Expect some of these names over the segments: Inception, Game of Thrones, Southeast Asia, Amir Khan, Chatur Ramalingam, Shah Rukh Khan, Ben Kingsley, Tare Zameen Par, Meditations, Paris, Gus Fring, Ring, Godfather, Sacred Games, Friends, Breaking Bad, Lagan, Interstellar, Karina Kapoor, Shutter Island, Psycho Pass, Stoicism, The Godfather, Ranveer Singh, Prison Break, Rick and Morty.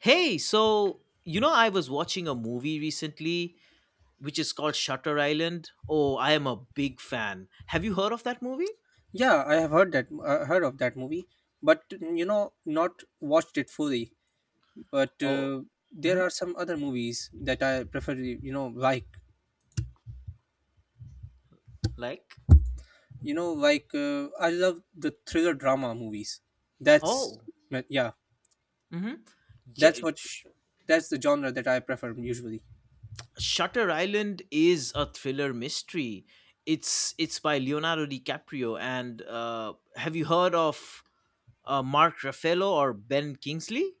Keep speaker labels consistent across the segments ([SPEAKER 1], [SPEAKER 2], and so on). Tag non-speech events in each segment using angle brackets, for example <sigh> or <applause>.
[SPEAKER 1] Hey, so I was watching a movie recently which is called Shutter Island. Oh, I am a big fan. Have you heard of that movie?
[SPEAKER 2] Yeah, I have heard that heard of that movie, but you know, not watched it fully. But
[SPEAKER 1] Oh,
[SPEAKER 2] There are
[SPEAKER 1] mhm,
[SPEAKER 2] some other movies that I prefer. You know, like
[SPEAKER 1] like,
[SPEAKER 2] you know, like uh, I love the thriller drama movies. That's
[SPEAKER 1] oh,
[SPEAKER 2] uh, yeah,
[SPEAKER 1] mm-hmm.
[SPEAKER 2] that's
[SPEAKER 1] Yeah,
[SPEAKER 2] what
[SPEAKER 1] Sh-
[SPEAKER 2] that's the genre that I prefer usually.
[SPEAKER 1] Shutter Island is a thriller mystery. It's by Leonardo DiCaprio and have you heard of Mark Ruffalo or Ben Kingsley?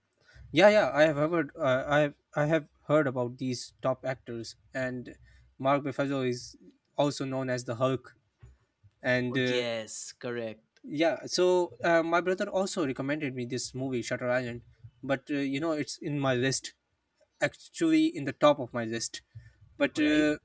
[SPEAKER 2] Yeah, yeah, I have heard. I have heard about these top actors, and Mark Ruffalo is also known as the Hulk, and
[SPEAKER 1] Oh
[SPEAKER 2] uh,
[SPEAKER 1] yes, correct.
[SPEAKER 2] yeah, so my brother also recommended me this movie, Shutter Island, but you know it's in my list, actually in the top of my list. But
[SPEAKER 1] Oh, yeah,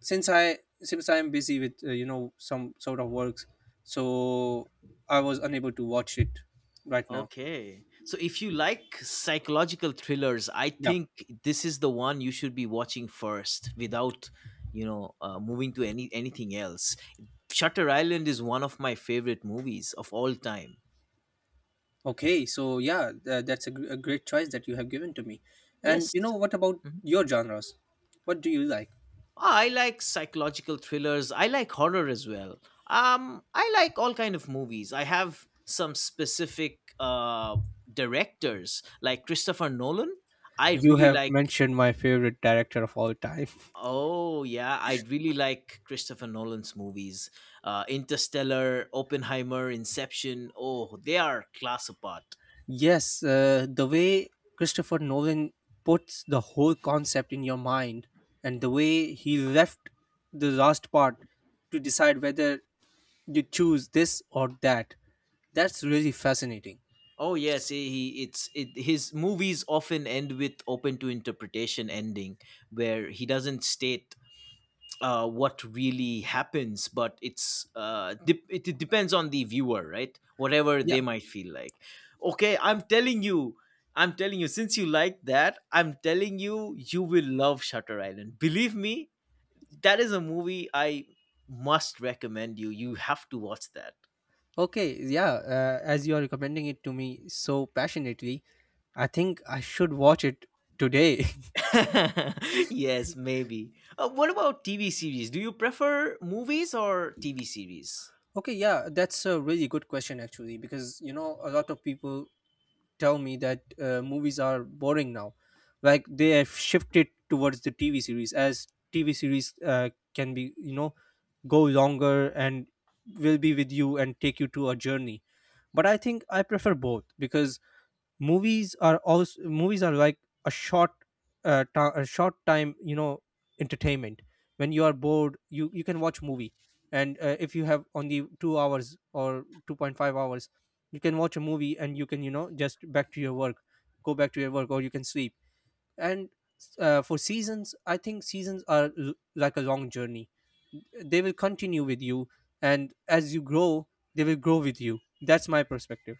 [SPEAKER 2] Since I am busy with you know some sort of works, so I was unable to watch it right now.
[SPEAKER 1] okay. So if you like psychological thrillers, I
[SPEAKER 2] Yeah.
[SPEAKER 1] think this is the one you should be watching first without moving to anything else. Shutter Island is one of my favorite movies of all time.
[SPEAKER 2] Okay, so yeah, that's a great choice that you have given to me. And
[SPEAKER 1] Yes.
[SPEAKER 2] you know what about
[SPEAKER 1] Mhm.
[SPEAKER 2] your genres? What do you like?
[SPEAKER 1] I like psychological thrillers. I like horror as well. I like all kind of movies. I have some specific directors like Christopher Nolan. I
[SPEAKER 2] You
[SPEAKER 1] really
[SPEAKER 2] have
[SPEAKER 1] like.
[SPEAKER 2] mentioned my favorite director of all time.
[SPEAKER 1] Oh yeah, I really like Christopher Nolan's movies. Interstellar, Oppenheimer, Inception. Oh, they are class apart.
[SPEAKER 2] Yes, the way Christopher Nolan puts the whole concept in your mind and the way he left the last part to decide whether you choose this or that, that's really fascinating.
[SPEAKER 1] Oh yes, his movies often end with open to interpretation ending, where he doesn't state what really happens, but it depends on the viewer, right? Whatever they
[SPEAKER 2] Yeah.
[SPEAKER 1] might feel like. Okay, I'm telling you, I'm telling you. Since you like that, I'm telling you, you will love Shutter Island. Believe me, that is a movie I must recommend you. You have to watch that.
[SPEAKER 2] Okay. Yeah. As you are recommending it to me so passionately, I think I should watch it today.
[SPEAKER 1] <laughs> Yes, maybe. What about TV series? Do you prefer movies or TV series?
[SPEAKER 2] <laughs> Okay. Yeah. That's a really good question, actually, because, you know, a lot of people tell me that movies are boring now, like they have shifted towards the TV series, as TV series can be, you know, go longer and will be with you and take you to a journey. But I think I prefer both, because movies are like a short a short time, you know, entertainment. When you are bored, you can watch movie. And if you have only 2 hours or 2.5 hours, you can watch a movie and you can, you know, just back to your work, go back to your work, or you can sleep. And For seasons, I think seasons are like a long journey. They will continue with you, and as you grow, they will grow with you. That's my perspective.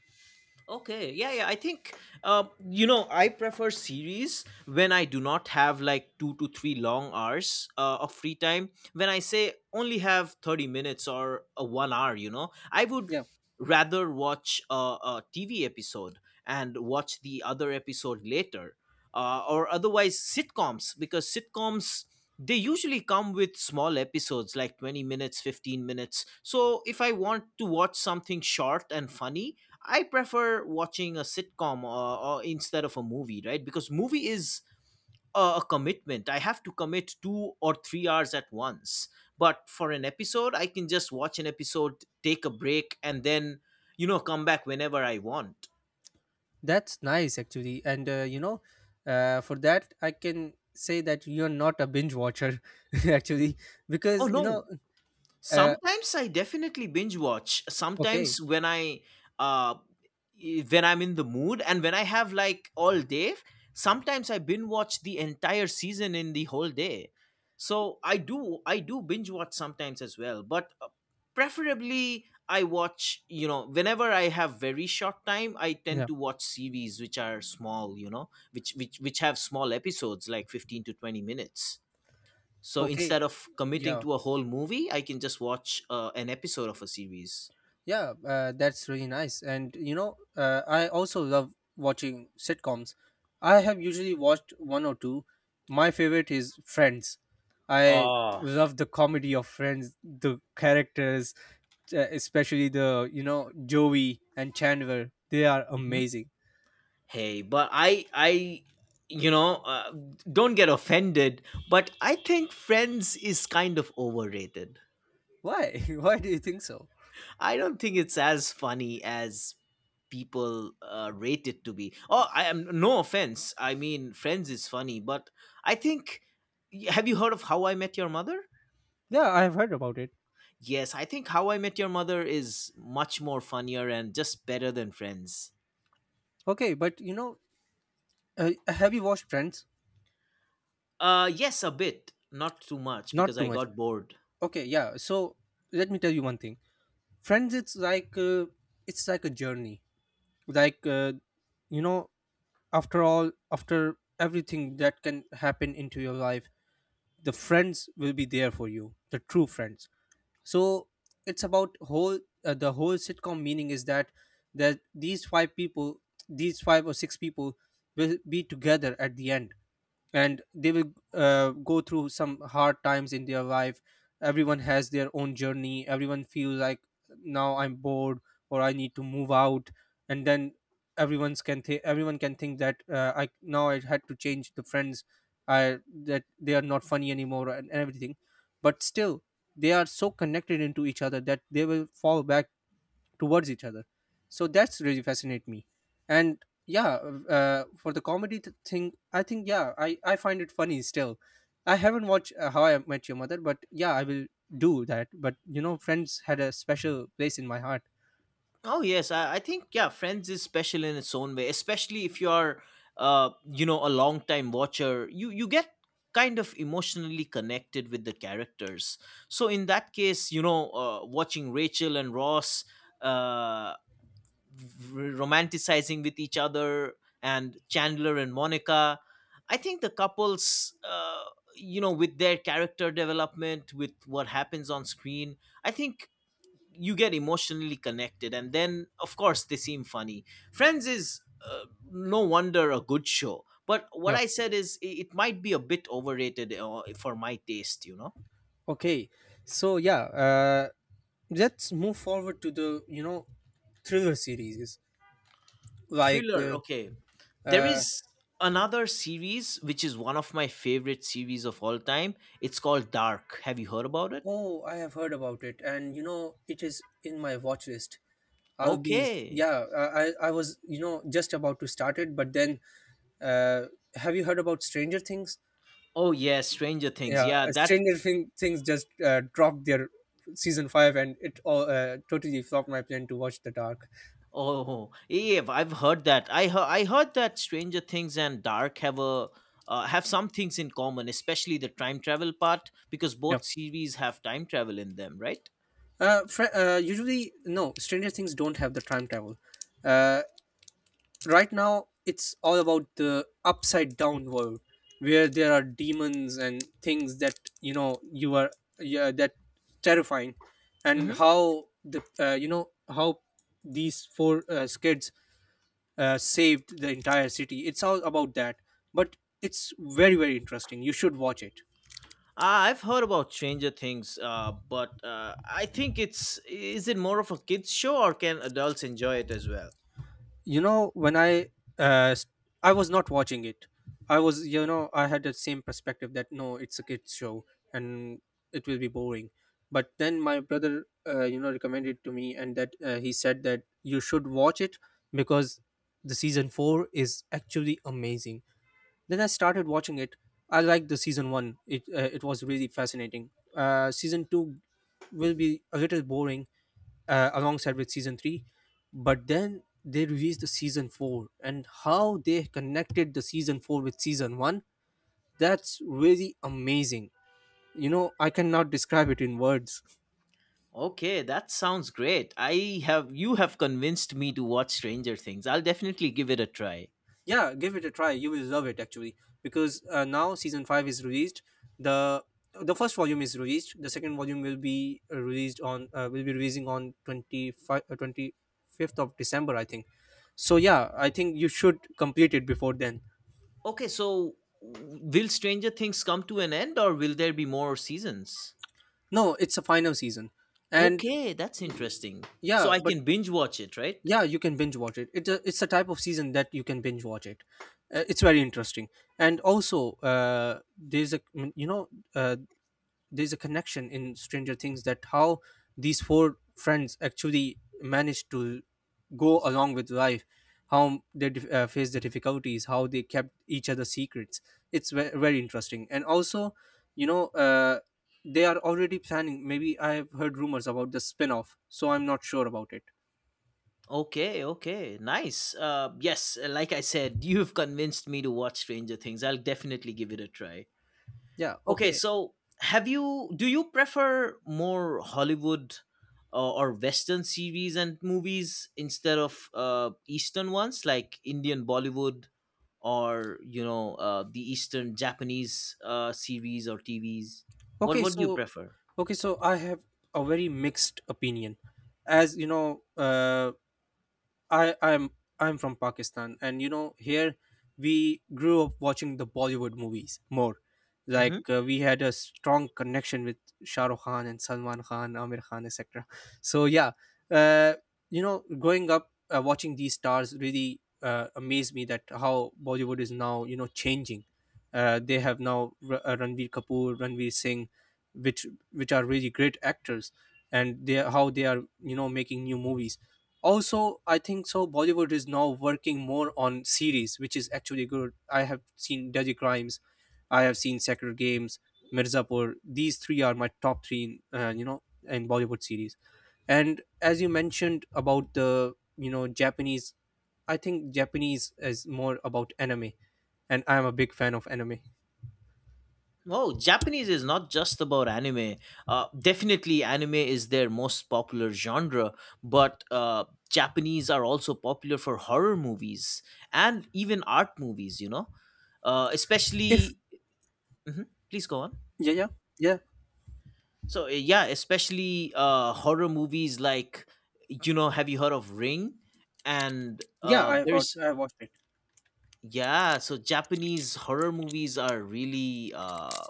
[SPEAKER 1] Okay, yeah, yeah. I think I prefer series when I do not have like two to three long hours of free time. When I say only have 30 minutes or a 1 hour, you know, I would
[SPEAKER 2] Yeah.
[SPEAKER 1] rather watch a TV episode and watch the other episode later. Or otherwise, sitcoms, because sitcoms, they usually come with small episodes like 20 minutes, 15 minutes. So if I want to watch something short and funny, I prefer watching a sitcom or instead of a movie, right? Because movie is a commitment. I have to commit 2 or 3 hours at once. But for an episode, I can just watch an episode, take a break, and then come back whenever I want.
[SPEAKER 2] That's nice actually. And you know, for that I can say that you're not a binge watcher <laughs> actually,
[SPEAKER 1] Oh
[SPEAKER 2] because you
[SPEAKER 1] no!
[SPEAKER 2] know, uh,
[SPEAKER 1] Sometimes I definitely binge watch.
[SPEAKER 2] okay.
[SPEAKER 1] Sometimes when I uh, when I'm in the mood and when I have like all day, sometimes I binge watch the entire season in the whole day. So I do binge watch sometimes as well, but preferably I watch, you know, whenever I have very short time, I tend
[SPEAKER 2] Yeah.
[SPEAKER 1] to watch series which are small, you know, which have small episodes like 15 to 20 minutes. So instead
[SPEAKER 2] Okay.
[SPEAKER 1] of committing
[SPEAKER 2] Yeah.
[SPEAKER 1] to a whole movie, I can just watch an episode of a series.
[SPEAKER 2] Yeah, that's really nice. And you know, I also love watching sitcoms. I have usually watched one or two. My favorite is Friends. I
[SPEAKER 1] Ah,
[SPEAKER 2] love the comedy of Friends, the characters, especially the, you know, Joey and Chandler. They are amazing.
[SPEAKER 1] hey, but you know, uh, don't get offended, but I think Friends is kind of overrated.
[SPEAKER 2] Why? <laughs> Why do you think so?
[SPEAKER 1] I don't think it's as funny as people rate it to be. Oh, I am no offense. I mean, Friends is funny, but I think. Have you heard of How I Met Your Mother?
[SPEAKER 2] Yeah, I have heard about it.
[SPEAKER 1] Yes, I think How I Met Your Mother is much more funnier and just better than Friends.
[SPEAKER 2] Okay, but you know, have you watched Friends?
[SPEAKER 1] Yes, a bit, not too much because
[SPEAKER 2] Not too
[SPEAKER 1] I
[SPEAKER 2] much.
[SPEAKER 1] got bored.
[SPEAKER 2] Okay, yeah. So let me tell you one thing. Friends, it's like a journey, like uh, you know, after all, after everything that can happen into your life, the friends will be there for you, the true friends. So it's about whole, the whole sitcom meaning is that, that these five people, these five or six people will be together at the end, and they will go through some hard times in their life. Everyone has their own journey. Everyone feels like, now I'm bored, or I need to move out. And then everyone can think that, I now I had to change the friends. I, that they are not funny anymore, and everything. But still, they are so connected into each other that they will fall back towards each other. So that's really fascinate me. And yeah, for the comedy thing, I think, yeah, I find it funny still. I haven't watched How I Met Your Mother, but yeah, I will do that. But you know, Friends had a special place in my heart.
[SPEAKER 1] Oh yes, I think Friends is special in its own way, especially if you are, a long time watcher. You get kind of emotionally connected with the characters. So in that case, watching Rachel and Ross, uh, r- romanticizing with each other, and Chandler and Monica, I think the couples, with their character development, with what happens on screen, I think you get emotionally connected and then of course they seem funny. Friends is, uh, no wonder, a good show, but what
[SPEAKER 2] Yeah,
[SPEAKER 1] I said is it might be a bit overrated, for my taste, you know.
[SPEAKER 2] okay, so yeah, uh, let's move forward to the, you know, thriller series, like
[SPEAKER 1] Thriller,
[SPEAKER 2] uh,
[SPEAKER 1] okay. There
[SPEAKER 2] uh,
[SPEAKER 1] is another series which is one of my favorite series of all time. It's called Dark. Have you heard about it?
[SPEAKER 2] oh, I have heard about it, and you know, it is in my watch list. I'll be,
[SPEAKER 1] Okay.
[SPEAKER 2] yeah. I was, you know, just about to start it, but then uh, have you heard about Stranger Things?
[SPEAKER 1] Oh yes, Stranger Things,
[SPEAKER 2] Yeah,
[SPEAKER 1] yeah, that.
[SPEAKER 2] Things just dropped their season 5, and it all totally flopped my plan to watch The Dark.
[SPEAKER 1] Oh, yeah, I've heard that. I heard that Stranger Things and Dark have a, have some things in common, especially the time travel part, because
[SPEAKER 2] No,
[SPEAKER 1] both series have time travel in them, right?
[SPEAKER 2] usually no. Stranger Things don't have the time travel. Uh, right now it's all about the upside down world, where there are demons and things that, you know, you are, yeah, that, terrifying. And
[SPEAKER 1] Hmm.
[SPEAKER 2] how the, you know, how these four kids saved the entire city, it's all about that. But it's very very interesting, you should watch it.
[SPEAKER 1] I've heard about Stranger Things, but I think it's is it more of a kids show or can adults enjoy it as well?
[SPEAKER 2] You know, when uh s- I was not watching it, I was, you know, I had the same perspective that, no, it's a kids show, and it will be boring. But then my brother, you know, recommended it to me, and that, he said that you should watch it, because the season 4 is actually amazing. Then I started watching it. I liked the season 1, it was really fascinating. Season 2 will be a little boring, alongside with season 3. But then they released the season 4, and how they connected the season 4 with season 1, that's really amazing. You know, I cannot describe it in words.
[SPEAKER 1] Okay, that sounds great. I have You have convinced me to watch Stranger Things. I'll definitely give it a try.
[SPEAKER 2] Yeah, give it a try, you will love it actually. Because now season 5 is released. The the first volume is released, the second volume will be released on will be releasing on 25 uh, 25th of December, I think. So yeah, I think you should complete it before then.
[SPEAKER 1] Okay, so will Stranger Things come to an end or will there be more seasons?
[SPEAKER 2] No, it's a final season, and
[SPEAKER 1] Okay, that's
[SPEAKER 2] y-
[SPEAKER 1] interesting. So
[SPEAKER 2] yeah,
[SPEAKER 1] I
[SPEAKER 2] but
[SPEAKER 1] can binge watch it, right?
[SPEAKER 2] yeah, you can binge watch it. It's a, it's a type of season that you can binge watch it. It's very interesting. And also there's a, you know, uh, there's a connection in Stranger Things, that how these four friends actually managed to go along with life, how they faced the difficulties, how they kept each other's secrets. It's very interesting. And also, you know, they are already planning, maybe, I have heard rumors about the spin-off, so I'm not sure about it.
[SPEAKER 1] Okay, okay, nice. Yes, like I said, <laughs> you've convinced me to watch Stranger Things. I'll definitely give it a try.
[SPEAKER 2] Yeah.
[SPEAKER 1] Okay,
[SPEAKER 2] Okay,
[SPEAKER 1] so have you do you prefer more Hollywood or Western series and movies instead of Eastern ones like Indian Bollywood or you know the Eastern Japanese series or TVs? What
[SPEAKER 2] okay,
[SPEAKER 1] what do you
[SPEAKER 2] so,
[SPEAKER 1] prefer?
[SPEAKER 2] okay, so I have a very mixed opinion. As you know, I I'm I'm from Pakistan, and you know, here we grew up watching the Bollywood movies more. Like we had a strong connection with Shah Rukh Khan and Salman Khan, Amir Khan, etc. So yeah, uh, you know, growing up watching these stars really amazed me, that how Bollywood is now, you know, changing. They have now Ranveer Kapoor, Ranveer Singh, which which are really great actors, and they, how they are, you know, making new movies. Also, I think so, Bollywood is now working more on series, which is actually good. I have seen Dirty Crimes, I have seen Sacred Games, Mirzapur. These three are my top three in, you know, in Bollywood series. And as you mentioned about the, you know, Japanese, I think Japanese is more about anime, and I am a big fan of anime.
[SPEAKER 1] Oh, Japanese is not just about anime. Definitely, anime is their most popular genre, but Japanese are also popular for horror movies and even art movies, you know?
[SPEAKER 2] If
[SPEAKER 1] Especially. Mhm, please go on.
[SPEAKER 2] Yeah, yeah. Yeah.
[SPEAKER 1] So, yeah, especially horror movies like, you know, have you heard of Ring? And
[SPEAKER 2] Yeah, I have,
[SPEAKER 1] there's.
[SPEAKER 2] I have watched it.
[SPEAKER 1] Yeah, so Japanese horror movies are really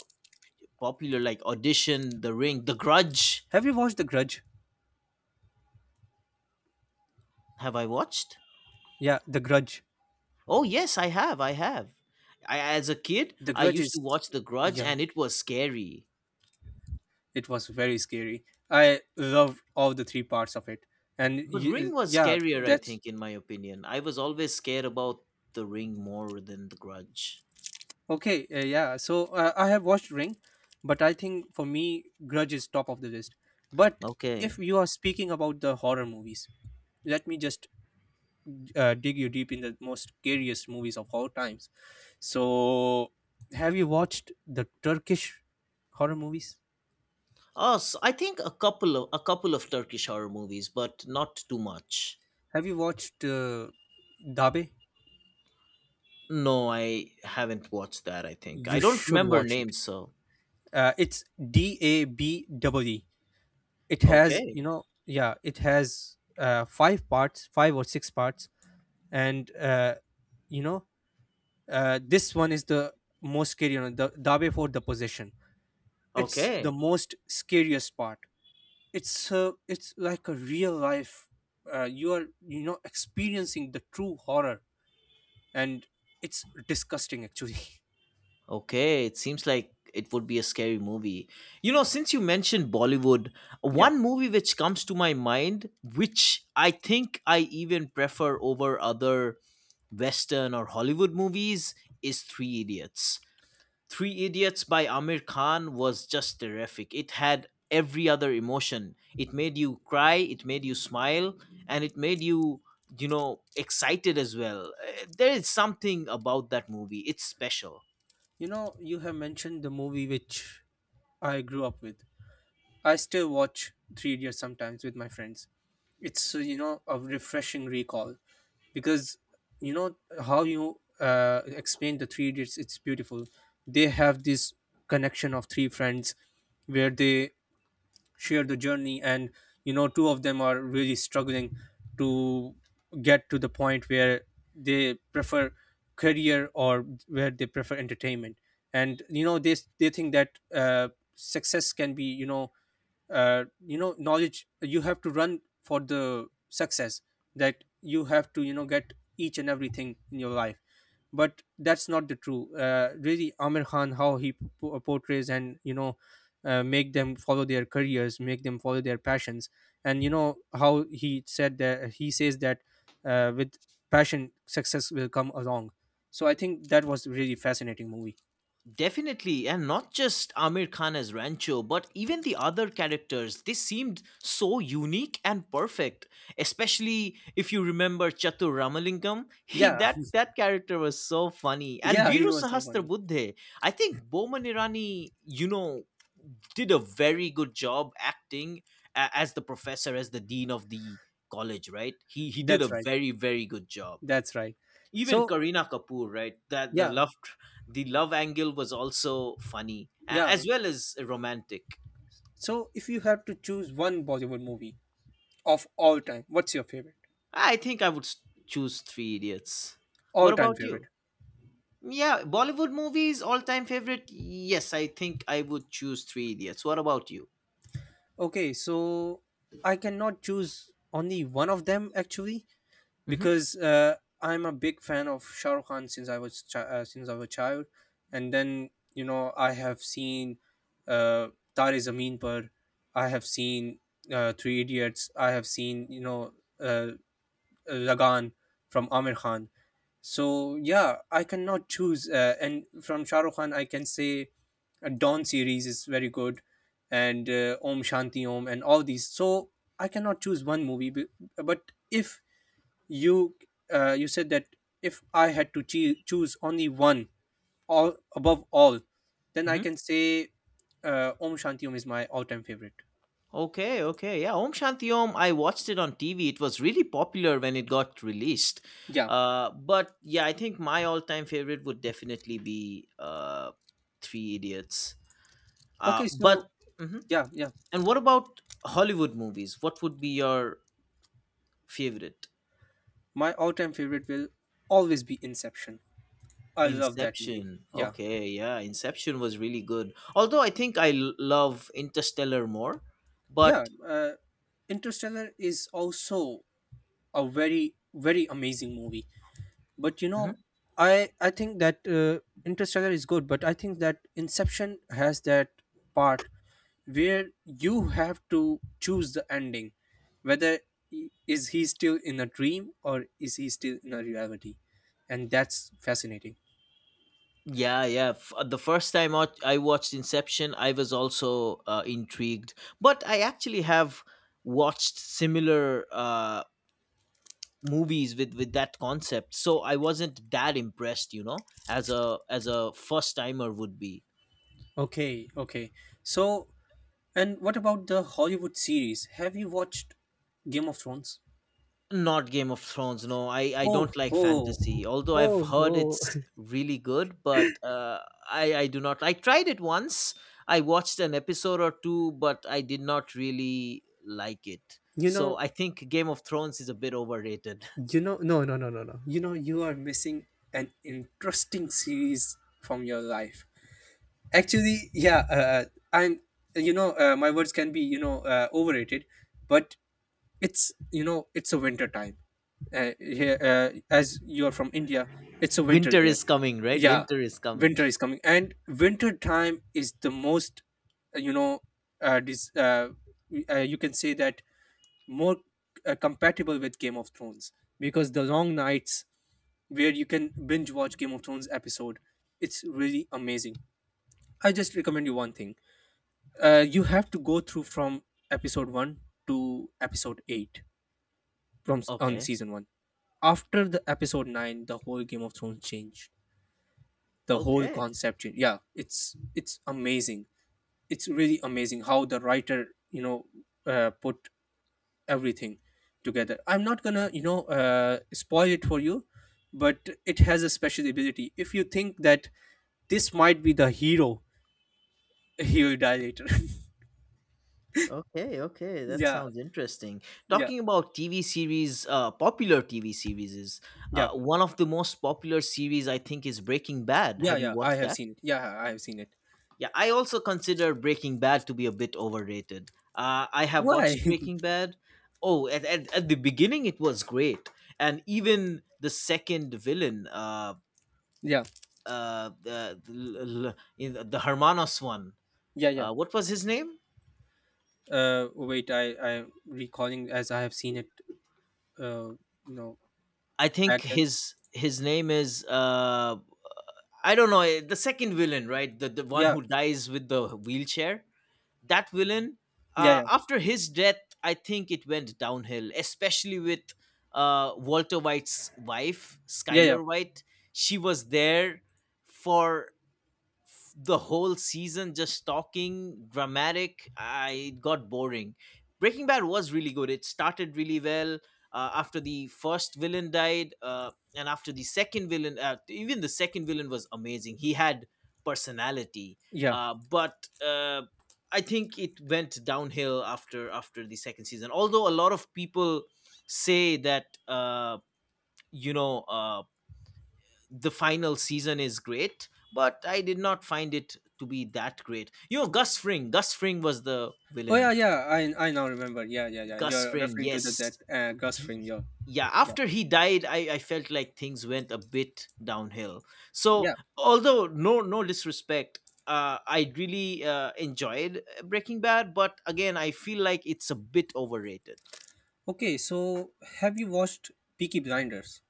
[SPEAKER 1] popular, like Audition, The Ring, The Grudge.
[SPEAKER 2] Have you watched The Grudge?
[SPEAKER 1] Have I watched?
[SPEAKER 2] Yeah, The Grudge.
[SPEAKER 1] Oh yes, I have. I have. I, as a kid,
[SPEAKER 2] The
[SPEAKER 1] I
[SPEAKER 2] grudge
[SPEAKER 1] used to
[SPEAKER 2] is
[SPEAKER 1] watch The Grudge,
[SPEAKER 2] Yeah,
[SPEAKER 1] and it was scary.
[SPEAKER 2] it was very scary. I loved all the three parts of it. And
[SPEAKER 1] But Ring was
[SPEAKER 2] yeah.
[SPEAKER 1] scarier, I
[SPEAKER 2] that's
[SPEAKER 1] think, in my opinion. I was always scared about The Ring more than The Grudge.
[SPEAKER 2] Okay, yeah, so I have watched Ring, but I think for me Grudge is top of the list. But
[SPEAKER 1] Okay.
[SPEAKER 2] if you are speaking about the horror movies, let me just dig you deep in the most scariest movies of all times. So have you watched the Turkish horror movies?
[SPEAKER 1] Oh, so I think a couple of Turkish horror movies, but not too much.
[SPEAKER 2] Have you watched Dabe?
[SPEAKER 1] No, I haven't watched that. I think I
[SPEAKER 2] You
[SPEAKER 1] don't
[SPEAKER 2] should
[SPEAKER 1] remember
[SPEAKER 2] watch it.
[SPEAKER 1] names. So
[SPEAKER 2] It's DAB double E. It has, you
[SPEAKER 1] okay,
[SPEAKER 2] know, yeah, it has 5 parts, 5 or 6 parts, and you know, this one is the most scary one. The Dabe for the possession. It's the
[SPEAKER 1] okay.
[SPEAKER 2] most scariest part. It's, it's like a real life. You are, you know, experiencing the true horror, and it's disgusting actually. <laughs>
[SPEAKER 1] Okay, it seems like it would be a scary movie. You know, since you mentioned Bollywood,
[SPEAKER 2] Yeah,
[SPEAKER 1] one movie which comes to my mind, which I think I even prefer over other Western or Hollywood movies, is Three Idiots. Three Idiots by Amir Khan was just terrific. It had every other emotion. It made you cry, it made you smile, and it made you, you know, excited as well. Eh, there is something about that movie, it's special.
[SPEAKER 2] you know, you have mentioned the movie which I grew up with. I still watch Three Idiots sometimes with my friends. It's, you know, a refreshing recall, because you know, how you explain the Three Idiots, it's beautiful. They have this connection of three friends where they share the journey, and two of them are really struggling to get to the point where they prefer career or where they prefer entertainment. And they think that success can be knowledge. You have to run for the success, that you have to get each and everything in your life. But that's not the true really. Amir Khan, how he portrays, and make them follow their careers, make them follow their passions. And how he said, that he says that with passion success will come along. So I think that was really fascinating movie.
[SPEAKER 1] Definitely, and not just Amir Khan as Rancho, but even the other characters, they seemed so unique and perfect. Especially if you remember Chatur Ramalingam, <laughs> he
[SPEAKER 2] Yeah.
[SPEAKER 1] that that character was so funny.
[SPEAKER 2] <laughs>
[SPEAKER 1] And
[SPEAKER 2] Yeah,
[SPEAKER 1] Viru
[SPEAKER 2] he was so funny.
[SPEAKER 1] Sahastra. I think Boman Irani, you know, did a very good job acting as the professor, as the dean of the college, right? He did a
[SPEAKER 2] That's right,
[SPEAKER 1] very good job.
[SPEAKER 2] that's right.
[SPEAKER 1] Even
[SPEAKER 2] So
[SPEAKER 1] Karina Kapoor, right?
[SPEAKER 2] yeah,
[SPEAKER 1] The love angle was also funny
[SPEAKER 2] yeah.
[SPEAKER 1] as well as romantic.
[SPEAKER 2] So if you have to choose one Bollywood movie of all time, what's your favorite?
[SPEAKER 1] I think I would choose Three Idiots.
[SPEAKER 2] All
[SPEAKER 1] What
[SPEAKER 2] time
[SPEAKER 1] about
[SPEAKER 2] favorite?
[SPEAKER 1] you? Yeah, Bollywood movies all time favorite. Yes, I think I would choose Three Idiots. What about you?
[SPEAKER 2] Okay, so I cannot choose only one of them, actually,
[SPEAKER 1] Hmm.
[SPEAKER 2] because I'm a big fan of Shah Rukh Khan since I was since I was a child. And then I have seen uh, Tare Zameen Par, I have seen Three Idiots, I have seen uh, Lagan from Amir Khan. So yeah, I cannot choose. And from Shah Rukh Khan, I can say Dawn series is very good, and Om Shanti Om, and all these. So I cannot choose one movie. But if you you said that if I had to choose only one, all above all, then I
[SPEAKER 1] Hmm.
[SPEAKER 2] can say Om Shanti Om is my all-time favorite.
[SPEAKER 1] Okay, okay, yeah. Om Shanti Om. I watched it on TV. It was really popular when it got released.
[SPEAKER 2] Yeah.
[SPEAKER 1] But I think my all-time favorite would definitely be Three Idiots.
[SPEAKER 2] Okay. So
[SPEAKER 1] But mhm.
[SPEAKER 2] yeah, yeah,
[SPEAKER 1] And what about Hollywood movies? What would be your favorite?
[SPEAKER 2] my all-time favorite will always be Inception. I love that movie.
[SPEAKER 1] Inception.
[SPEAKER 2] Yeah.
[SPEAKER 1] Okay, yeah, Inception was really good. Although I think I love Interstellar more,
[SPEAKER 2] Yeah,
[SPEAKER 1] but
[SPEAKER 2] Interstellar is also a very, very amazing movie. But you
[SPEAKER 1] mhm.
[SPEAKER 2] know i i think that Interstellar is good, but I think that Inception has that part where you have to choose the ending, whether is he still in a dream or is he still in a reality. And that's fascinating.
[SPEAKER 1] Yeah, yeah. The first time out I watched Inception, I was also intrigued. But I actually have watched similar movies with that concept, so I wasn't that impressed. You know, as a first timer would be.
[SPEAKER 2] Okay, okay. So and what about the Hollywood series? Have you watched Game of Thrones?
[SPEAKER 1] Not Game of Thrones. No, I
[SPEAKER 2] Oh,
[SPEAKER 1] don't like
[SPEAKER 2] oh.
[SPEAKER 1] fantasy. Although I've
[SPEAKER 2] Oh,
[SPEAKER 1] heard
[SPEAKER 2] oh.
[SPEAKER 1] it's really good, but I do not. I tried it once. I watched an episode or two, but I did not really like it.
[SPEAKER 2] you
[SPEAKER 1] So
[SPEAKER 2] know,
[SPEAKER 1] I think Game of Thrones is a bit overrated.
[SPEAKER 2] no, no, no, no, no. You know, you are missing an interesting series from your life. Actually, yeah, I'm, my words can be, overrated. But it's, it's a winter time. Here, as you are from India, it's a
[SPEAKER 1] <laughs>
[SPEAKER 2] winter
[SPEAKER 1] Winter
[SPEAKER 2] there.
[SPEAKER 1] is coming, right?
[SPEAKER 2] Yeah,
[SPEAKER 1] Winter is coming.
[SPEAKER 2] winter is
[SPEAKER 1] <laughs>
[SPEAKER 2] coming, and winter time is the most uh, you know uh, dis- uh, you can say that more compatible with Game of Thrones, because the long nights where you can binge watch Game of Thrones episode, it's really amazing. I just recommend you one thing. You have to go through from episode 1 to episode 8 from on
[SPEAKER 1] Okay.
[SPEAKER 2] season 1. After the episode 9, the whole Game of Thrones changed. The whole
[SPEAKER 1] Okay.
[SPEAKER 2] concept changed. Yeah, it's amazing. It's really amazing how the writer, you know, put everything together. I'm not gonna spoil it for you, but it has a special ability. If you think that this might be the hero, <laughs> he will die later.
[SPEAKER 1] Okay, okay, that
[SPEAKER 2] <laughs> Yeah.
[SPEAKER 1] sounds interesting.
[SPEAKER 2] Yeah,
[SPEAKER 1] Talking about TV series, popular TV series is
[SPEAKER 2] yeah.
[SPEAKER 1] one of the most popular series I think is Breaking Bad.
[SPEAKER 2] Yeah,
[SPEAKER 1] Have you
[SPEAKER 2] yeah, I
[SPEAKER 1] watched
[SPEAKER 2] have
[SPEAKER 1] that?
[SPEAKER 2] seen it. Yeah, I have seen it.
[SPEAKER 1] Yeah, I also consider Breaking Bad to be a bit overrated. I have
[SPEAKER 2] Why?
[SPEAKER 1] watched Breaking Bad. Oh, at the beginning it was great, and even the second villain,
[SPEAKER 2] <laughs> Yeah,
[SPEAKER 1] uh, the the, the Hermanos one.
[SPEAKER 2] yeah, yeah.
[SPEAKER 1] What was his name?
[SPEAKER 2] Wait, I'm recalling as I have seen it. uh you know
[SPEAKER 1] I think
[SPEAKER 2] Back then.
[SPEAKER 1] his name is I don't know eh, the second villain, right? The one
[SPEAKER 2] Yeah,
[SPEAKER 1] who dies with the wheelchair. That villain,
[SPEAKER 2] yeah, yeah.
[SPEAKER 1] after his death, I think it went downhill, especially with Walter White's wife,
[SPEAKER 2] Yeah, yeah,
[SPEAKER 1] Skylar White. She was there for the whole season just talking dramatic. I it got boring. Breaking Bad was really good. It started really well. After the first villain died, and after the second villain, even the second villain was amazing. He had personality.
[SPEAKER 2] yeah.
[SPEAKER 1] But I think it went downhill after the second season, although a lot of people say that you know uh, the final season is great, but I did not find it to be that great. You know, Gus Fring. Gus Fring was the
[SPEAKER 2] Oh
[SPEAKER 1] villain.
[SPEAKER 2] yeah, yeah, I I now remember. Yeah, yeah, yeah,
[SPEAKER 1] Gus
[SPEAKER 2] you're
[SPEAKER 1] Fring,
[SPEAKER 2] referring to the that
[SPEAKER 1] yes.
[SPEAKER 2] Gus
[SPEAKER 1] He,
[SPEAKER 2] Fring. Yeah,
[SPEAKER 1] yeah,
[SPEAKER 2] yeah,
[SPEAKER 1] after he died, I felt like things went a bit downhill. So,
[SPEAKER 2] yeah.
[SPEAKER 1] although no disrespect, I really enjoyed Breaking Bad, but again, I feel like it's a bit overrated.
[SPEAKER 2] Okay, so have you watched Peaky Blinders?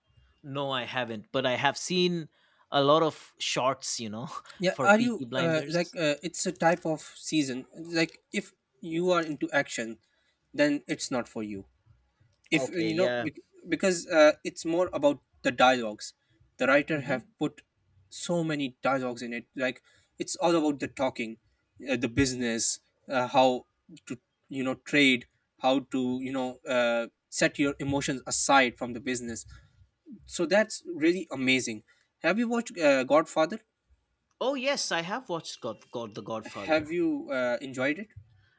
[SPEAKER 1] No, I haven't, but I have seen a lot of shorts, you know, <laughs>
[SPEAKER 2] Yeah,
[SPEAKER 1] for
[SPEAKER 2] are you
[SPEAKER 1] Peaky
[SPEAKER 2] like
[SPEAKER 1] Blinders.
[SPEAKER 2] it's a type of season. Like if you are into action, then it's not for you. If
[SPEAKER 1] Okay, yeah.
[SPEAKER 2] because it's more about the dialogues. The writer
[SPEAKER 1] hmm
[SPEAKER 2] have put so many dialogues in it. Like it's all about the talking, the business, how to trade, how to set your emotions aside from the business. So that's really amazing. Have you watched Godfather?
[SPEAKER 1] Oh yes, I have watched God, the Godfather.
[SPEAKER 2] Have you enjoyed it?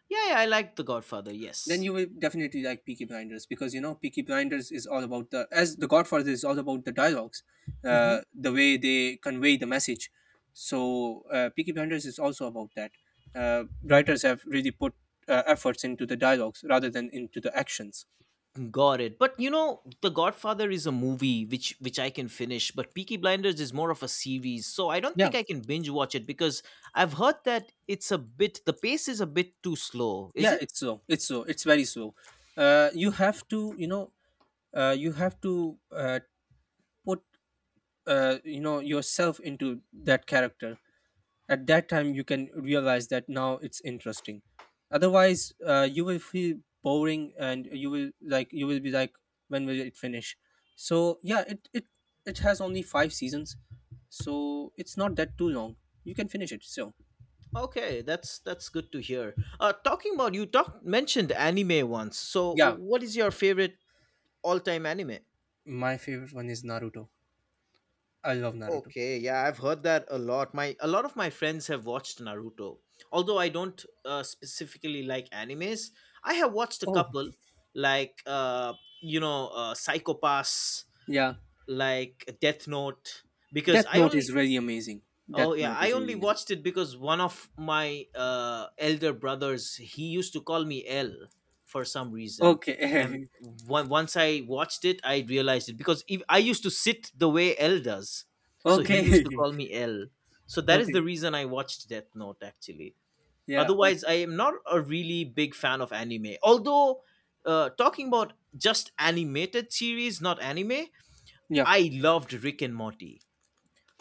[SPEAKER 1] Yeah, yeah, I like the Godfather.
[SPEAKER 2] Then
[SPEAKER 1] Yes.
[SPEAKER 2] you will definitely like Peaky Blinders, because you know Peaky Blinders is all about the, as the Godfather is all about the dialogues,
[SPEAKER 1] hmm
[SPEAKER 2] the way they convey the message. So Peaky Blinders is also about that. Writers have really put efforts into the dialogues rather than into the actions.
[SPEAKER 1] Got it. But you know, The Godfather is a movie which I can finish, but Peaky Blinders is more of a series, so I don't think
[SPEAKER 2] Yeah,
[SPEAKER 1] I can binge watch it because I've heard that it's a bit, the pace is a bit too slow. Is
[SPEAKER 2] yeah,
[SPEAKER 1] it?
[SPEAKER 2] it's slow. It's slow. It's very slow. You have to, you know, you have to put yourself into that character. At that time you can realize that now it's interesting. Otherwise you will feel boring, and you will like, you will be like, when will it finish? So yeah, it it has only five seasons, so it's not that too long. You can finish it, so.
[SPEAKER 1] Okay, that's good to hear. Talking about, you talked mentioned anime once. So,
[SPEAKER 2] Yeah,
[SPEAKER 1] what is your favorite all time anime?
[SPEAKER 2] my favorite one is Naruto. I love Naruto.
[SPEAKER 1] Okay, yeah, I've heard that a lot. My a lot of my friends have watched Naruto. Although I don't specifically like animes, I have watched a
[SPEAKER 2] Oh
[SPEAKER 1] couple, like Psycho Pass,
[SPEAKER 2] yeah,
[SPEAKER 1] like Death Note, because
[SPEAKER 2] Death
[SPEAKER 1] I
[SPEAKER 2] Note is
[SPEAKER 1] only.
[SPEAKER 2] really amazing. Death
[SPEAKER 1] Oh yeah,
[SPEAKER 2] Note
[SPEAKER 1] I
[SPEAKER 2] is
[SPEAKER 1] only
[SPEAKER 2] really amazing.
[SPEAKER 1] watched it because one of my elder brothers, he used to call me L for some reason, and
[SPEAKER 2] Okay.
[SPEAKER 1] once I watched it, I realized it because if, I used to sit the way L does,
[SPEAKER 2] <laughs>
[SPEAKER 1] so he used to
[SPEAKER 2] Okay.
[SPEAKER 1] call me L. So
[SPEAKER 2] <laughs>
[SPEAKER 1] that is the
[SPEAKER 2] Okay.
[SPEAKER 1] reason I watched Death Note actually.
[SPEAKER 2] Yeah,
[SPEAKER 1] Otherwise,
[SPEAKER 2] okay.
[SPEAKER 1] I am not a really big fan of anime. Although, talking about just animated series, not anime,
[SPEAKER 2] Yeah.
[SPEAKER 1] I loved Rick and Morty.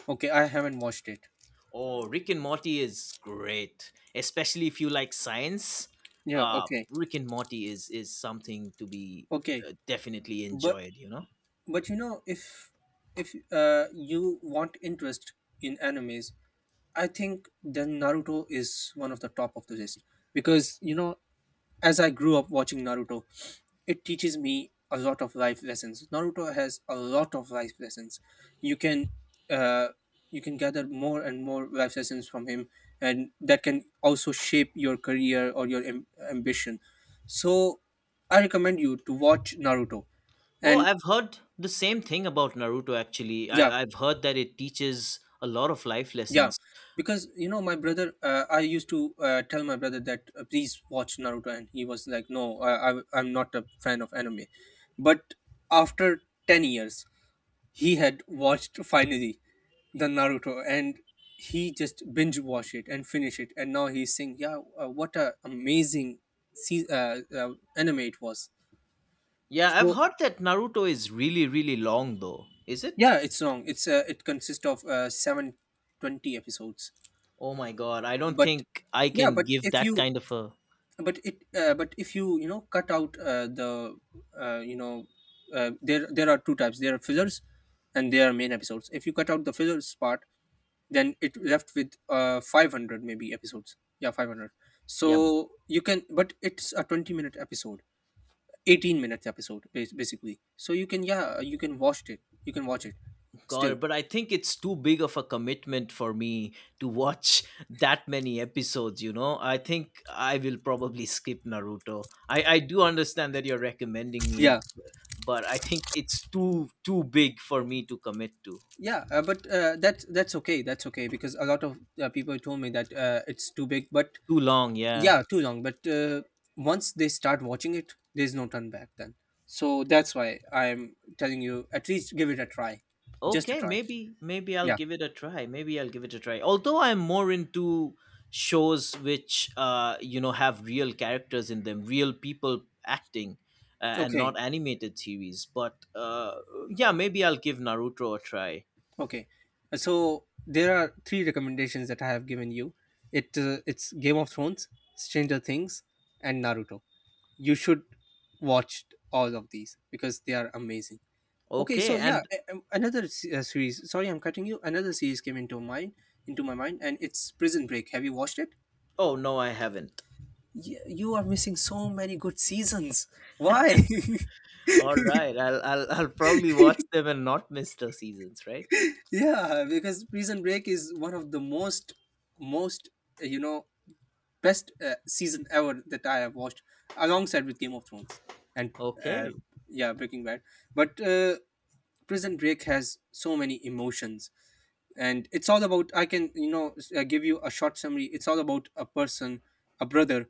[SPEAKER 2] Okay, I haven't watched it.
[SPEAKER 1] Oh, Rick and Morty is great, especially if you like science.
[SPEAKER 2] Yeah, okay.
[SPEAKER 1] Rick and Morty is something to be
[SPEAKER 2] Okay.
[SPEAKER 1] definitely
[SPEAKER 2] But
[SPEAKER 1] enjoyed. You know.
[SPEAKER 2] but if if you want interest in animes, I think then Naruto is one of the top of the list. Because as I grew up watching Naruto, it teaches me a lot of life lessons. Naruto has a lot of life lessons. You can uh, you can gather more and more life lessons from him, and that can also shape your career or your ambition. So, I recommend you to watch Naruto,
[SPEAKER 1] Oh,
[SPEAKER 2] and
[SPEAKER 1] I've heard the same thing about Naruto. Actually,
[SPEAKER 2] yeah.
[SPEAKER 1] I've heard that it teaches a lot of life
[SPEAKER 2] Yeah,
[SPEAKER 1] lessons.
[SPEAKER 2] because you know my brother, I used to tell my brother that please watch Naruto, and he was like, no, I'm not a fan of anime. But after 10 years, he had watched finally the Naruto, and he just binge watched it and finished it, and now he's saying, yeah, what a amazing anime it was.
[SPEAKER 1] Yeah, I've
[SPEAKER 2] So
[SPEAKER 1] heard that Naruto is really really long though. Is it?
[SPEAKER 2] yeah, it's long. It's it consists of 720 episodes,
[SPEAKER 1] Oh my god, I don't
[SPEAKER 2] but
[SPEAKER 1] think I
[SPEAKER 2] yeah,
[SPEAKER 1] can give that kind of a
[SPEAKER 2] but if you you know cut out uh, you know there are two types. There are fillers and there are main episodes. If you cut out the fillers part, then it left with 500 maybe episodes, yeah, 500.
[SPEAKER 1] yeah.
[SPEAKER 2] So you can, but it's a 20-minute episode, 18 minutes episode, basically. So you can, yeah, you can watch it, you can watch it
[SPEAKER 1] Got
[SPEAKER 2] still.
[SPEAKER 1] it. But I think it's too big of a commitment for me to watch <laughs> that many episodes, you know? I think I will probably skip Naruto. I do understand that you're recommending me
[SPEAKER 2] Yeah,
[SPEAKER 1] it, but I think it's too big for me to commit to.
[SPEAKER 2] yeah, but that's okay, that's okay, because a lot of people told me that it's too big, but
[SPEAKER 1] Too long, yeah.
[SPEAKER 2] yeah, too long. But once they start watching it, there's no turn back then. So that's why I'm telling you, at least give it a try. Just a
[SPEAKER 1] Okay,
[SPEAKER 2] try.
[SPEAKER 1] maybe I'll
[SPEAKER 2] Yeah.
[SPEAKER 1] give it a try. Maybe I'll give it a try. Although I'm more into shows which you know have real characters in them, real people acting, and
[SPEAKER 2] Okay,
[SPEAKER 1] not animated series, but yeah, maybe I'll give Naruto a try.
[SPEAKER 2] okay. So there are three recommendations that I have given you. It's Game of Thrones, Stranger Things, and Naruto. You should watch all of these because they are amazing. Okay,
[SPEAKER 1] Okay,
[SPEAKER 2] so yeah,
[SPEAKER 1] and
[SPEAKER 2] another series, sorry I'm cutting you, another series came into my mind, and it's Prison Break. Have you watched it?
[SPEAKER 1] oh no, I haven't.
[SPEAKER 2] You are missing so many good seasons. Why?
[SPEAKER 1] All right. I'll probably watch them and not miss the seasons, right?
[SPEAKER 2] <laughs> Yeah, because Prison Break is one of the most, most, uh, you know, best season ever that I have watched alongside with Game of Thrones and, uh,
[SPEAKER 1] Okay.
[SPEAKER 2] yeah, Breaking Bad. But Prison Break has so many emotions. And it's all about, I can give you a short summary. It's all about a person, a brother,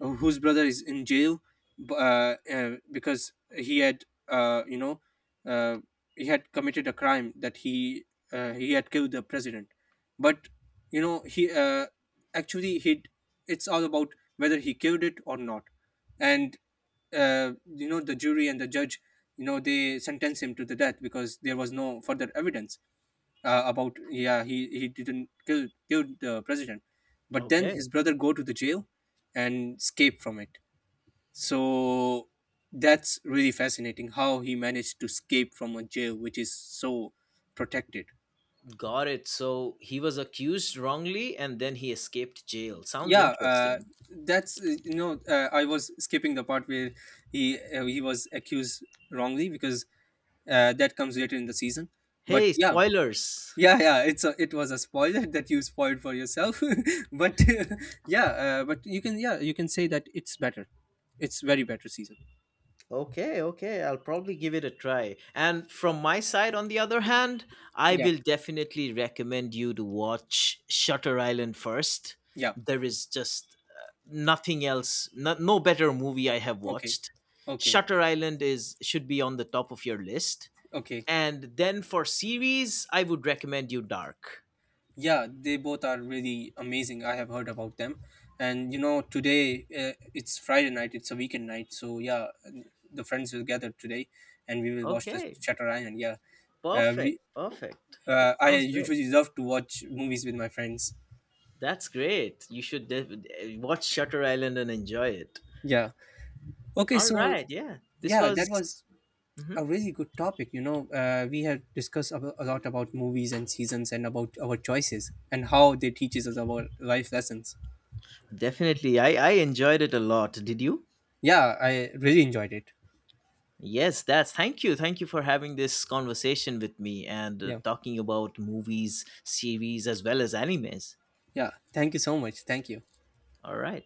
[SPEAKER 2] whose brother is in jail, because he had uh, he had committed a crime, that he had killed the president. But you know he actually he, it's all about whether he killed it or not. And the jury and the judge, you know they sentenced him to the death because there was no further evidence about, yeah, he didn't kill killed the president. But then
[SPEAKER 1] Okay.
[SPEAKER 2] his brother go to the jail and escape from it. So that's really fascinating, how he managed to escape from a jail which is so protected.
[SPEAKER 1] Got it. So he was accused wrongly and then he escaped jail. Sounds
[SPEAKER 2] Yeah,
[SPEAKER 1] interesting.
[SPEAKER 2] that's you know I was skipping the part where he he was accused wrongly, because that comes later in the season. But
[SPEAKER 1] Hey,
[SPEAKER 2] yeah.
[SPEAKER 1] spoilers.
[SPEAKER 2] Yeah, yeah, it's a, it was a spoiler <laughs> that you spoiled for yourself. <laughs> But <laughs> yeah, but you can, yeah, you can say that it's better, it's very better season.
[SPEAKER 1] Okay, okay, I'll probably give it a try. And from my side, on the other hand, I
[SPEAKER 2] Yeah,
[SPEAKER 1] will definitely recommend you to watch Shutter Island first.
[SPEAKER 2] yeah.
[SPEAKER 1] There is just nothing else, no better movie I have
[SPEAKER 2] Okay,
[SPEAKER 1] watched.
[SPEAKER 2] okay.
[SPEAKER 1] Shutter Island is should be on the top of your list.
[SPEAKER 2] Okay.
[SPEAKER 1] And then for series, I would recommend you Dark.
[SPEAKER 2] Yeah, they both are really amazing, I have heard about them. And you know today it's Friday night, it's a weekend night, so yeah. And the friends will gather today, and we will watch the
[SPEAKER 1] Okay,
[SPEAKER 2] Shutter Island, yeah.
[SPEAKER 1] perfect,
[SPEAKER 2] We
[SPEAKER 1] perfect. That
[SPEAKER 2] I
[SPEAKER 1] sounds great.
[SPEAKER 2] usually love to watch movies with my friends.
[SPEAKER 1] That's great. You should watch Shutter Island and enjoy it.
[SPEAKER 2] Yeah. Okay,
[SPEAKER 1] All
[SPEAKER 2] so
[SPEAKER 1] right. Yeah. This
[SPEAKER 2] yeah, that
[SPEAKER 1] was.
[SPEAKER 2] was a
[SPEAKER 1] Mhm.
[SPEAKER 2] really good topic. You know, we have discussed a lot about movies and seasons, and about our choices, and how they teaches us about life lessons.
[SPEAKER 1] Definitely, I enjoyed it a lot. Did you?
[SPEAKER 2] Yeah, I really enjoyed it.
[SPEAKER 1] Yes, that's, thank you. Thank you for having this conversation with me and
[SPEAKER 2] Yeah,
[SPEAKER 1] talking about movies, series, as well as animes.
[SPEAKER 2] yeah, thank you so much, thank you.
[SPEAKER 1] All right.